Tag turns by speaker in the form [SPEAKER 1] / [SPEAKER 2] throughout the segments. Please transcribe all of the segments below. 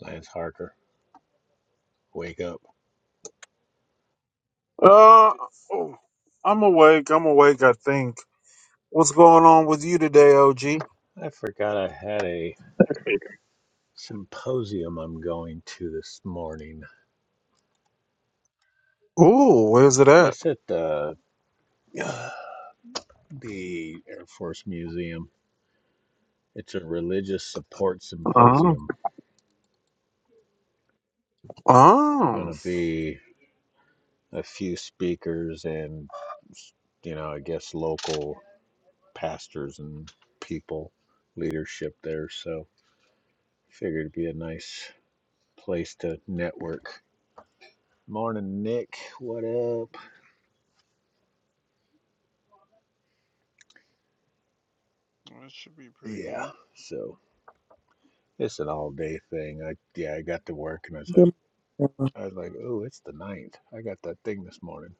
[SPEAKER 1] Lance Harker, wake up.
[SPEAKER 2] Uh, I'm awake. I'm awake. I think. What's going on with you today, OG?
[SPEAKER 1] I forgot I had a symposium I'm going to this morning.
[SPEAKER 2] Ooh, where's it at?
[SPEAKER 1] It's at the uh, the Air Force Museum. It's a religious support
[SPEAKER 2] Oh,
[SPEAKER 1] symposium.
[SPEAKER 2] oh. Well,
[SPEAKER 1] Gonna be a few speakers and you know, I guess local pastors and people, leadership there, so figured it'd be a nice place to network. Morning Nick, what up?
[SPEAKER 2] That should be pretty
[SPEAKER 1] Yeah,
[SPEAKER 2] good.
[SPEAKER 1] so It's an all day thing. I yeah, I got to work and I was like
[SPEAKER 3] Good morning.
[SPEAKER 1] I was like, oh, it's the ninth. I got that thing this morning.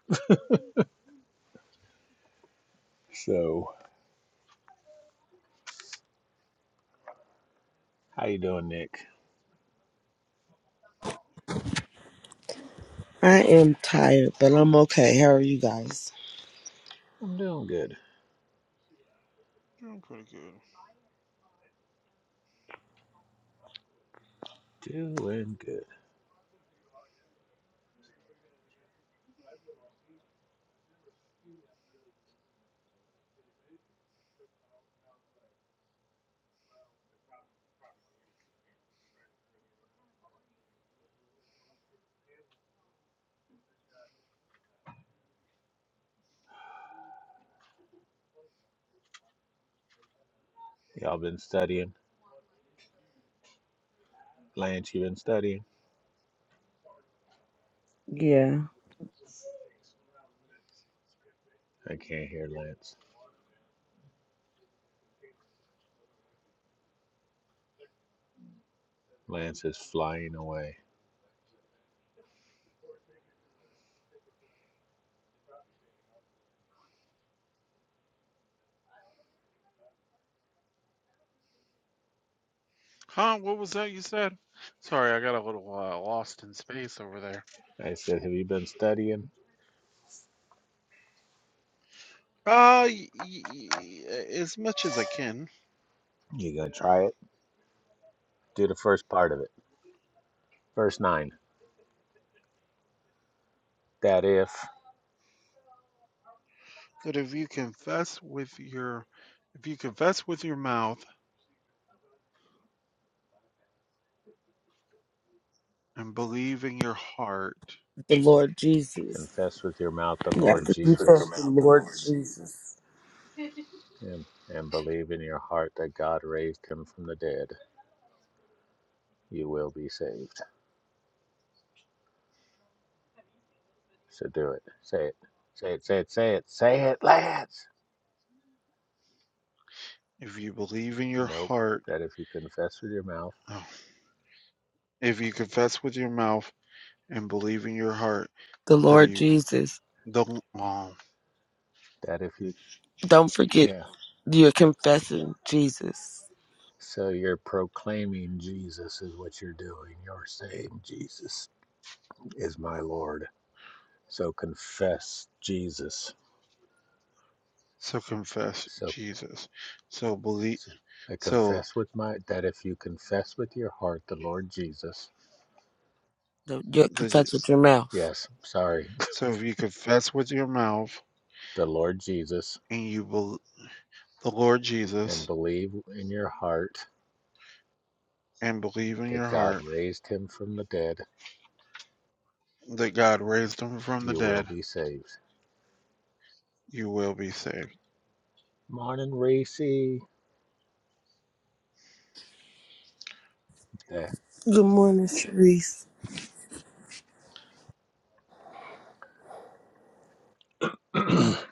[SPEAKER 1] So how you doing, Nick?
[SPEAKER 3] I am tired, but I'm okay. How are you guys?
[SPEAKER 1] I'm doing good.
[SPEAKER 2] Doing pretty good.
[SPEAKER 1] Doing good. Y'all been studying? Lance, you been studying?
[SPEAKER 3] Yeah.
[SPEAKER 1] I can't hear Lance. Lance is flying away.
[SPEAKER 2] Huh? What was that you said? Sorry, I got a little uh, lost in space over there.
[SPEAKER 1] I said, Have you been studying?
[SPEAKER 2] Uh, y- y- as much as I can.
[SPEAKER 1] You gonna try it? Do the first part of it. Verse nine. That if
[SPEAKER 2] That if you confess with your, if you confess with your mouth and believe in your heart,
[SPEAKER 3] The Lord Jesus.
[SPEAKER 1] confess with your mouth the
[SPEAKER 3] You have
[SPEAKER 1] Lord
[SPEAKER 3] to confess
[SPEAKER 1] Jesus
[SPEAKER 3] the Lord Jesus.
[SPEAKER 1] and and believe in your heart that God raised him from the dead, you will be saved. So do it. Say it. Say it. Say it. Say it. Say it, lads.
[SPEAKER 2] if you believe in your
[SPEAKER 1] Nope.
[SPEAKER 2] heart,
[SPEAKER 1] That if you confess with your mouth,
[SPEAKER 2] oh, if you confess with your mouth and believe in your heart
[SPEAKER 3] The
[SPEAKER 2] that
[SPEAKER 3] Lord
[SPEAKER 2] he
[SPEAKER 3] Jesus.
[SPEAKER 2] don't um,
[SPEAKER 1] that if you,
[SPEAKER 3] Don't forget
[SPEAKER 1] yeah.
[SPEAKER 3] you're confessing Jesus.
[SPEAKER 1] So you're proclaiming Jesus is what you're doing. You're saying Jesus is my Lord. So confess Jesus.
[SPEAKER 2] so confess
[SPEAKER 1] So
[SPEAKER 2] Jesus. So believe
[SPEAKER 1] so I
[SPEAKER 2] so
[SPEAKER 1] confess with my, that if you confess with your heart the Lord Jesus,
[SPEAKER 3] You
[SPEAKER 2] the
[SPEAKER 3] confess with your mouth.
[SPEAKER 1] yes, sorry,
[SPEAKER 2] so if you confess with your mouth
[SPEAKER 1] the Lord Jesus,
[SPEAKER 2] and you believe the Lord
[SPEAKER 1] and
[SPEAKER 2] Jesus
[SPEAKER 1] believe in your heart
[SPEAKER 2] and believe in
[SPEAKER 1] that
[SPEAKER 2] your
[SPEAKER 1] God
[SPEAKER 2] heart
[SPEAKER 1] raised him from the dead,
[SPEAKER 2] that God raised him from the
[SPEAKER 1] you will
[SPEAKER 2] dead,
[SPEAKER 1] be saved.
[SPEAKER 2] you will be saved.
[SPEAKER 1] Morning, Racy. There.
[SPEAKER 3] Good morning, Sharice.
[SPEAKER 1] All right,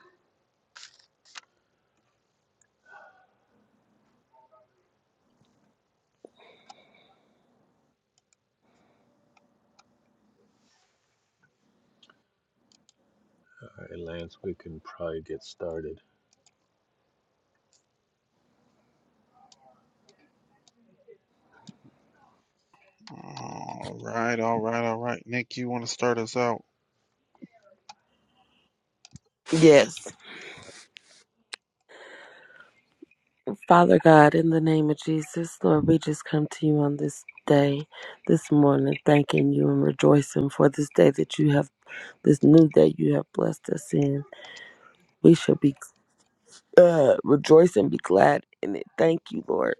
[SPEAKER 1] Lance, we can probably get started.
[SPEAKER 2] All right, all right, all right. Nick, you want to start us out?
[SPEAKER 3] Yes. Father God, in the name of Jesus, Lord, we just come to you on this day, this morning, thanking you and rejoicing for this day that you have, this new day you have blessed us in. We shall be. uh, rejoice and be glad in it. Thank you, Lord,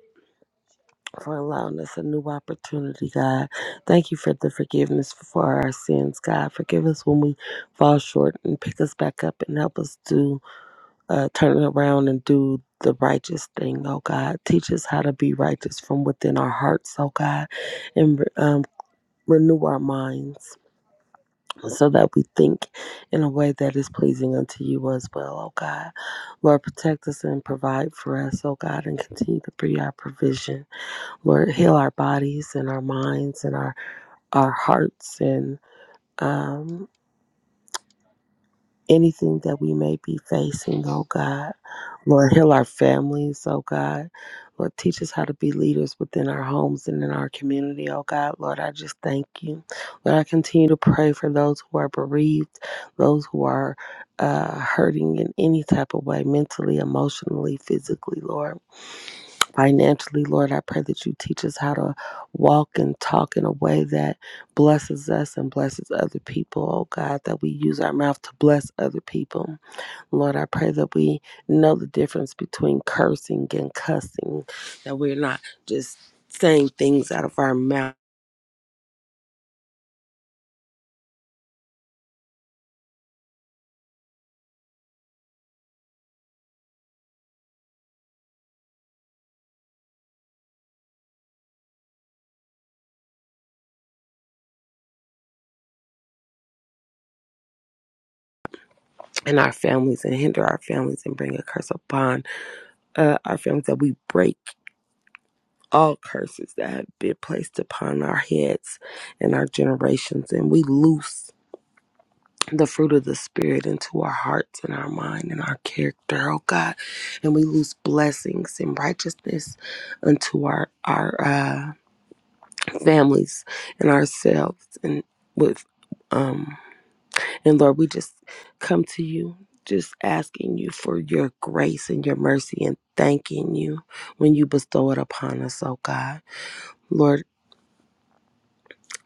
[SPEAKER 3] for allowing us a new opportunity, God. Thank you for the forgiveness for our sins, God. Forgive us when we fall short and pick us back up and help us to uh, turn it around and do the righteous thing, oh God. Teach us how to be righteous from within our hearts, oh God, and um, renew our minds so that we think in a way that is pleasing unto you as well, oh God. Lord, protect us and provide for us, oh God, and continue to be our provision. Lord, heal our bodies and our minds and our, our hearts and um anything that we may be facing, oh God. Lord, heal our families, oh God. Lord, teach us how to be leaders within our homes and in our community, oh God. Lord, I just thank you. Lord, I continue to pray for those who are bereaved, those who are uh, hurting in any type of way, mentally, emotionally, physically, Lord financially, Lord. I pray that you teach us how to walk and talk in a way that blesses us and blesses other people, oh God, that we use our mouth to bless other people. Lord, I pray that we know the difference between cursing and cussing, that we're not just saying things out of our mouth and our families and hinder our families and bring a curse upon uh, our families, that we break all curses that have been placed upon our heads and our generations, and we loose. the fruit of the Spirit into our hearts and our mind and our character, oh God. And we lose blessings and righteousness unto our our uh, families and ourselves and with um and Lord, we just come to you just asking you for your grace and your mercy and thanking you when you bestow it upon us, oh God. Lord,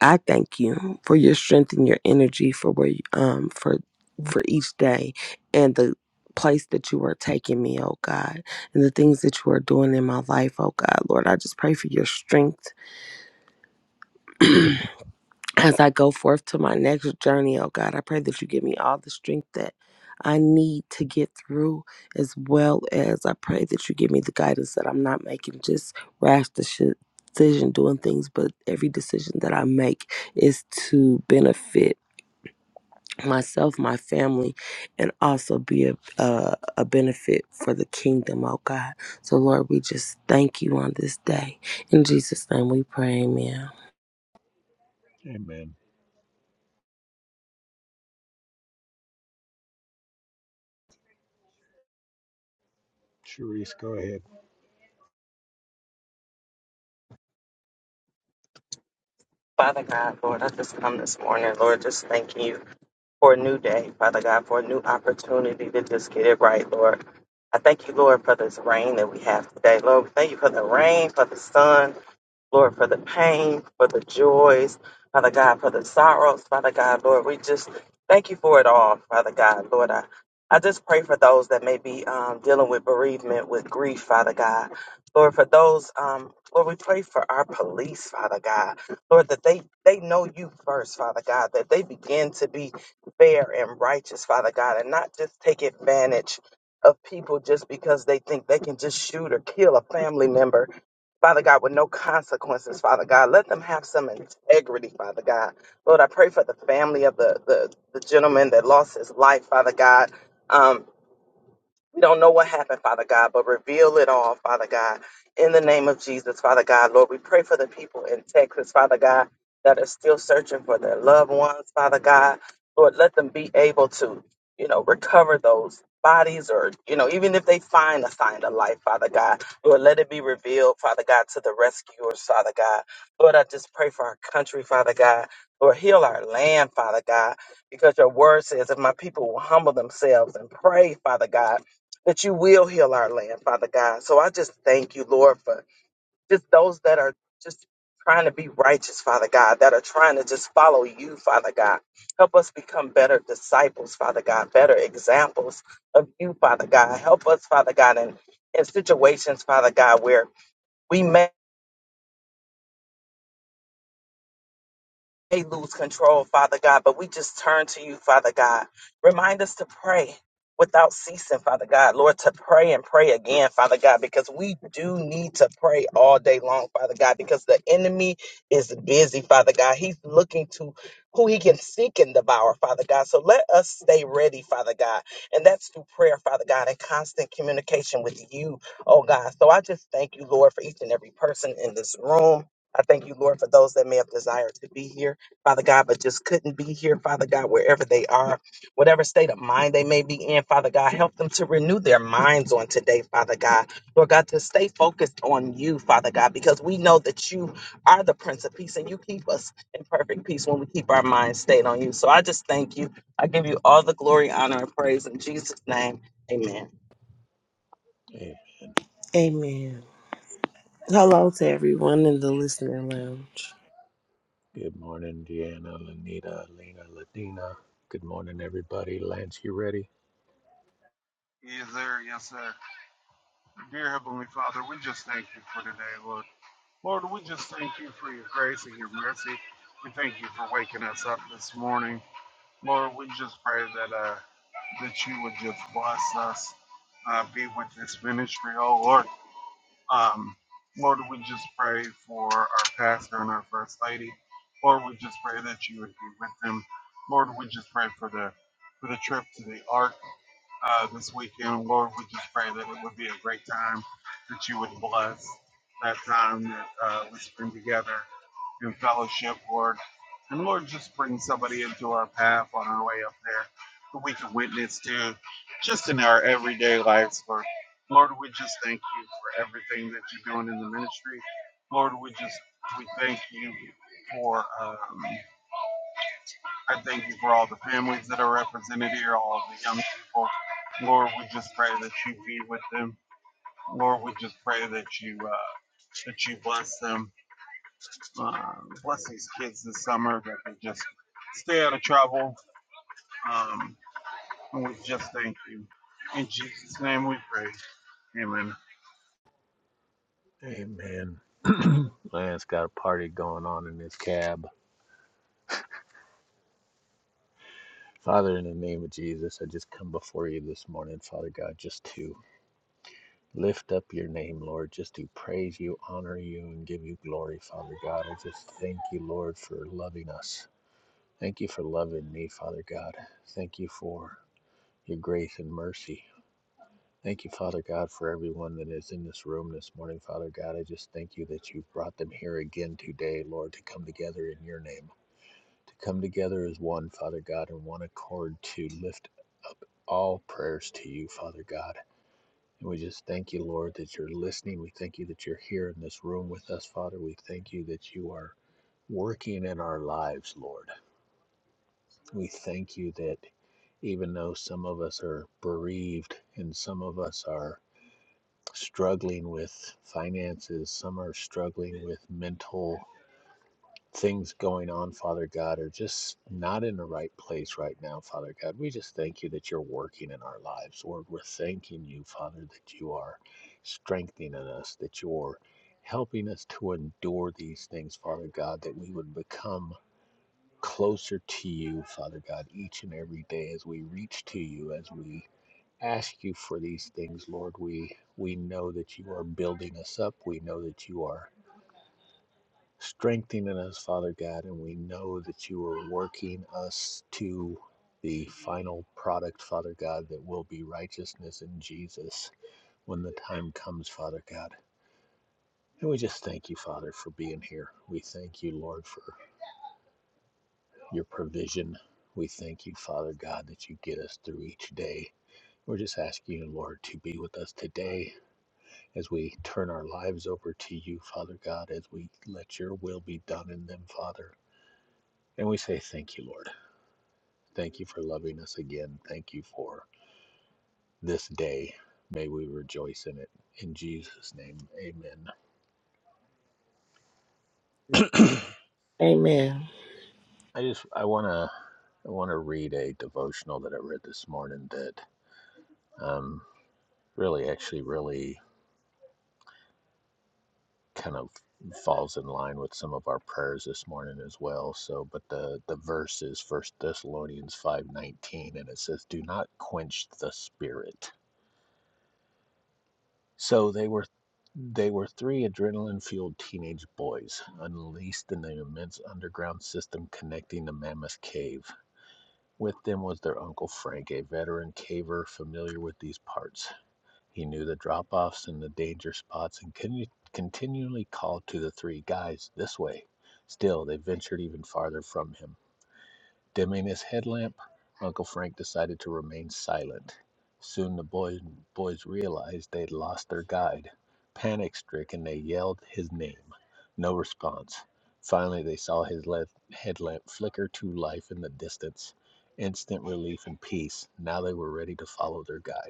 [SPEAKER 3] I thank you for your strength and your energy for where you, um for for each day and the place that you are taking me, oh God, and the things that you are doing in my life, oh God. Lord, I just pray for your strength as I go forth to my next journey, oh God. I pray that you give me all the strength that I need to get through, as well as I pray that you give me the guidance that I'm not making just rash deci- decision doing things, but every decision that I make is to benefit myself, my family, and also be a, a, a benefit for the kingdom, oh God. So, Lord, we just thank you on this day. In Jesus' name we pray, amen.
[SPEAKER 1] Amen. Charisse, go ahead.
[SPEAKER 4] Father God, Lord, I just come this morning, Lord, just thanking you for a new day, Father God, for a new opportunity to just get it right, Lord. I thank you, Lord, for this rain that we have today. Lord, we thank you for the rain, for the sun, Lord, for the pain, for the joys, Father God, for the sorrows, Father God, Lord. We just thank you for it all, Father God, Lord. I, I just pray for those that may be um, dealing with bereavement, with grief, Father God. Lord, for those, um, Lord, we pray for our police, Father God. Lord, that they, they know you first, Father God, that they begin to be fair and righteous, Father God, and not just take advantage of people just because they think they can just shoot or kill a family member, Father God, with no consequences, Father God. Let them have some integrity, Father God. Lord, I pray for the family of the, the, the gentleman that lost his life, Father God. Um, we don't know what happened, Father God, but reveal it all, Father God. In the name of Jesus, Father God, Lord, we pray for the people in Texas, Father God, that are still searching for their loved ones, Father God. Lord, let them be able to, you know, recover those bodies or, you know, even if they find a sign of life, Father God, Lord, let it be revealed, Father God, to the rescuers, Father God. Lord, I just pray for our country, Father God. Lord, heal our land, Father God, because your word says if my people will humble themselves and pray, Father God that you will heal our land, Father God. So I just thank you, Lord, for just those that are just trying to be righteous, Father God, that are trying to just follow you, Father God. Help us become better disciples, Father God, better examples of you, Father God. Help us, Father God, in, in situations, Father God, where we may. they lose control, Father God, but we just turn to you, Father God. Remind us to pray without ceasing, Father God, Lord, to pray and pray again, Father God, because we do need to pray all day long, Father God, because the enemy is busy, Father God. He's looking to who he can seek and devour, Father God. So let us stay ready, Father God. And that's through prayer, Father God, and constant communication with you, oh God. So I just thank you, Lord, for each and every person in this room. I thank you, Lord, for those that may have desired to be here. Father God, but just couldn't be here, Father God, wherever they are, whatever state of mind they may be in, Father God, help them to renew their minds on today, Father God. Lord God, to stay focused on you, Father God, because we know that you are the Prince of Peace and you keep us in perfect peace when we keep our minds stayed on you. So I just thank you. I give you all the glory, honor, and praise in Jesus' name. Amen.
[SPEAKER 1] Hey,
[SPEAKER 3] Amen. Hello to everyone in the listening lounge.
[SPEAKER 1] good morning, Deanna, Lanita, Lena, Ladina. Good morning, everybody. Lance, you ready?
[SPEAKER 2] Yes, sir. Yes, sir. Dear Heavenly Father, we just thank you for today, Lord. Lord, we just thank you for your grace and your mercy. We thank you for waking us up this morning. Lord, we just pray that uh, that you would just bless us, uh, be with this ministry, oh Lord. Um, Lord, we just pray for our pastor and our first lady. Lord, we just pray that you would be with them. Lord, we just pray for the for the trip to the Ark uh, this weekend. Lord, we just pray that it would be a great time, that you would bless that time that uh, we spend together in fellowship, Lord. And Lord, just bring somebody into our path on our way up there that we can witness to just in our everyday lives, Lord. Lord, we just thank you for everything that you're doing in the ministry. Lord, we just, we thank you for, um, I thank you for all the families that are represented here, all the young people. Lord, we just pray that you be with them. Lord, we just pray that you, uh, that you bless them um, bless these kids this summer that they just stay out of trouble. Um, and we just thank you. In Jesus' name we pray. Amen.
[SPEAKER 1] Amen. Lance got a party going on in his cab. Father, in the name of Jesus, I just come before you this morning, Father God, just to lift up your name, Lord, just to praise you, honor you, and give you glory, Father God. I just thank you, Lord, for loving us. Thank you for loving me, Father God. Thank you for your grace and mercy. Thank you, Father God, for everyone that is in this room this morning, Father God. I just thank you that you've brought them here again today, Lord, to come together in your name, to come together as one, Father God, in one accord to lift up all prayers to you, Father God. And we just thank you, Lord, that you're listening. We thank you that you're here in this room with us, Father. We thank you that you are working in our lives, Lord. We thank you that. even though some of us are bereaved and some of us are struggling with finances, some are struggling with mental things going on, Father God, are just not in the right place right now, Father God. We just thank you that you're working in our lives, Lord. We're thanking you, Father, that you are strengthening us, that you're helping us to endure these things, Father God, that we would become closer to you, Father God, each and every day as we reach to you, as we ask you for these things, Lord. We we know that you are building us up. We know that you are strengthening us, Father God, and we know that you are working us to the final product, Father God, that will be righteousness in Jesus when the time comes, Father God. And we just thank you, Father, for being here. We thank you, Lord, for your provision. We thank you, Father God, that you get us through each day. We're just asking you, Lord, to be with us today as we turn our lives over to you, Father God, as we let your will be done in them, Father. And we say, Thank you, Lord. Thank you for loving us again. Thank you for this day. May we rejoice in it. In Jesus' name, amen.
[SPEAKER 3] Amen.
[SPEAKER 1] I just, I want to. I want to read a devotional that I read this morning that um, really, actually, really kind of falls in line with some of our prayers this morning as well. So, but the the verse is First Thessalonians five nineteen, and it says, "Do not quench the spirit." So they were they were three adrenaline-fueled teenage boys unleashed in the immense underground system connecting the Mammoth Cave. With them was their uncle Frank, a veteran caver familiar with these parts. He knew the drop offs and the danger spots and con- continually called to the three guys this way. Still, they ventured even farther from him. Dimming his headlamp, Uncle Frank decided to remain silent. Soon the boys, boys realized they'd lost their guide. Panic stricken, they yelled his name. No response. Finally, they saw his headlamp flicker to life in the distance. Instant relief and peace. Now they were ready to follow their guide.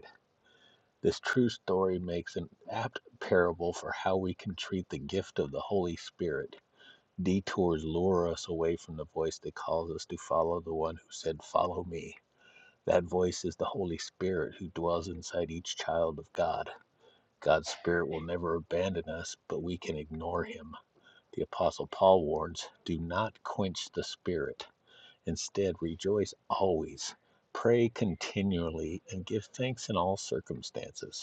[SPEAKER 1] This true story makes an apt parable for how we can treat the gift of the Holy Spirit. Detours lure us away from the voice that calls us to follow the one who said, Follow me. That voice is the Holy Spirit who dwells inside each child of God. God's Spirit will never abandon us, but we can ignore him. The Apostle Paul warns do not quench the Spirit. Instead, rejoice always. Pray continually and give thanks in all circumstances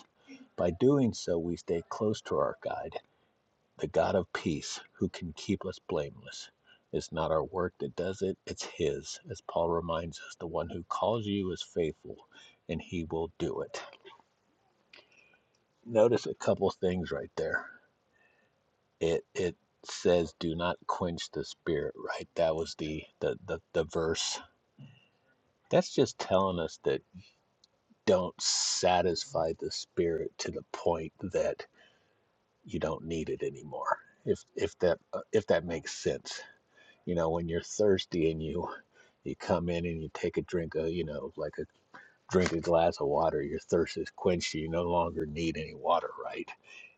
[SPEAKER 1] by doing so, we stay close to our guide, the God of peace, who can keep us blameless. It's not our work that does it, it's His. As Paul reminds us, the one who calls you is faithful, and He will do it. Notice a couple things right there. It it says, "Do not quench the spirit." Right? That was the the the, the verse. That's just telling us that don't satisfy the spirit to the point that you don't need it anymore if if that uh, if that makes sense you know when you're thirsty and you you come in and you take a drink of you know like a drink a glass of water your thirst is quenched you no longer need any water right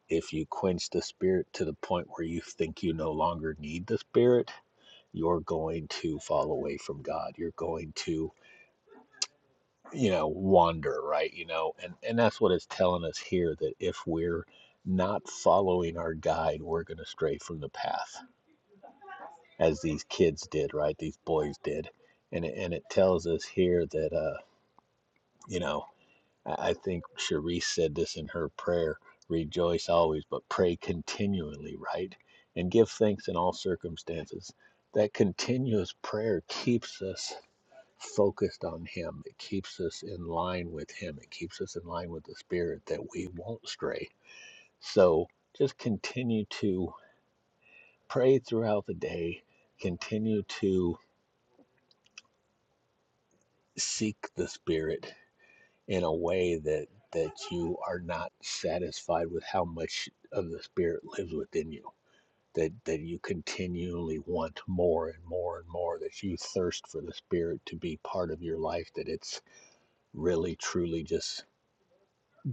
[SPEAKER 1] if you quench the spirit to the point where you think you no longer need the spirit you're going to fall away from god you're going to you know wander right you know and and that's what it's telling us here that if we're not following our guide we're going to stray from the path as these kids did right these boys did and it, and it tells us here that uh you know i I think cherise said this in her prayer rejoice always but pray continually right and give thanks in all circumstances that continuous prayer keeps us focused on Him. It keeps us in line with Him. It keeps us in line with the Spirit that we won't stray. So just continue to pray throughout the day. Continue to seek the Spirit in a way that that you are not satisfied with how much of the Spirit lives within you. That, that you continually want more and more and more, that you thirst for the Spirit to be part of your life, that it's really truly just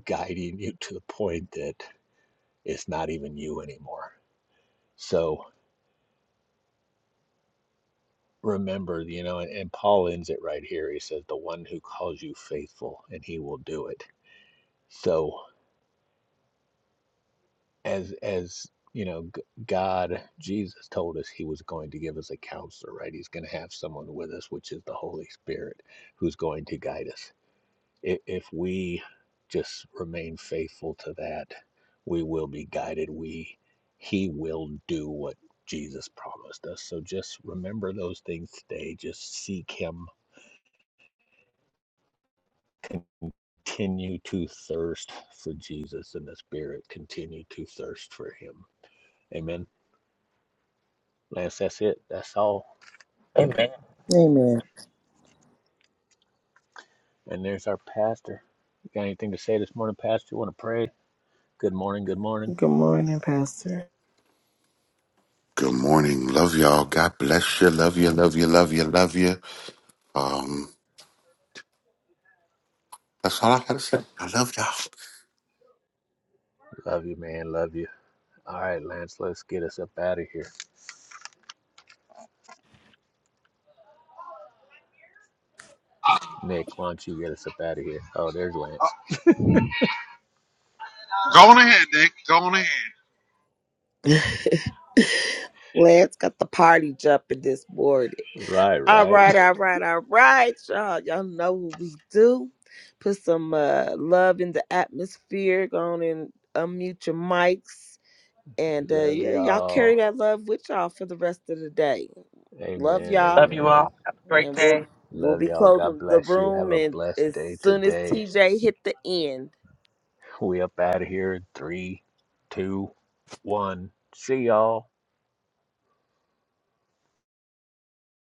[SPEAKER 1] guiding you to the point that it's not even you anymore. So remember, you know, and, and Paul ends it right here. He says, "The one who calls you faithful, and he will do it." So as as you know, God, Jesus told us He was going to give us a counselor, right? He's going to have someone with us, which is the Holy Spirit, who's going to guide us. if we just remain faithful to that, we will be guided. We he will do what Jesus promised us. So just remember those things today. Just seek him. Continue to thirst for Jesus and the Spirit. Continue to thirst for him. Amen. Lance, that's it. That's all.
[SPEAKER 4] Amen.
[SPEAKER 3] Amen.
[SPEAKER 1] And there's our pastor. You got anything to say this morning, Pastor? You want to pray? Good morning, good morning.
[SPEAKER 3] Good morning, Pastor.
[SPEAKER 5] Good morning. Love y'all. God bless you. Love you. Love you. Love you. Love you. Um, that's all I gotta say. I love y'all.
[SPEAKER 1] Love you, man. Love you. All right, Lance, let's get us up out of here. Nick, why don't you get us up out of here? Oh, there's Lance.
[SPEAKER 2] Go on ahead, Nick. Go on ahead.
[SPEAKER 3] Lance got the party jumping this morning.
[SPEAKER 1] Right,
[SPEAKER 3] All
[SPEAKER 1] right.
[SPEAKER 3] right, all right, all right, y'all. Y'all know what we do. Put some uh, love in the atmosphere. Go on and unmute your mics, and uh,
[SPEAKER 1] Love
[SPEAKER 3] yeah, y'all carry
[SPEAKER 1] y'all.
[SPEAKER 3] that love with y'all for the rest of the day. Love
[SPEAKER 1] Amen.
[SPEAKER 3] y'all,
[SPEAKER 4] Love you
[SPEAKER 1] Amen.
[SPEAKER 4] all. Have a great
[SPEAKER 3] and we'll
[SPEAKER 4] day.
[SPEAKER 3] we'll
[SPEAKER 1] Love
[SPEAKER 3] be
[SPEAKER 1] y'all. God
[SPEAKER 3] closing the
[SPEAKER 1] bless you. Have
[SPEAKER 3] room,
[SPEAKER 1] a
[SPEAKER 3] and
[SPEAKER 1] blessed
[SPEAKER 3] as
[SPEAKER 1] day
[SPEAKER 3] soon as
[SPEAKER 1] today.
[SPEAKER 3] TJ hit the end.
[SPEAKER 1] We up out of here in three, two, one. See y'all.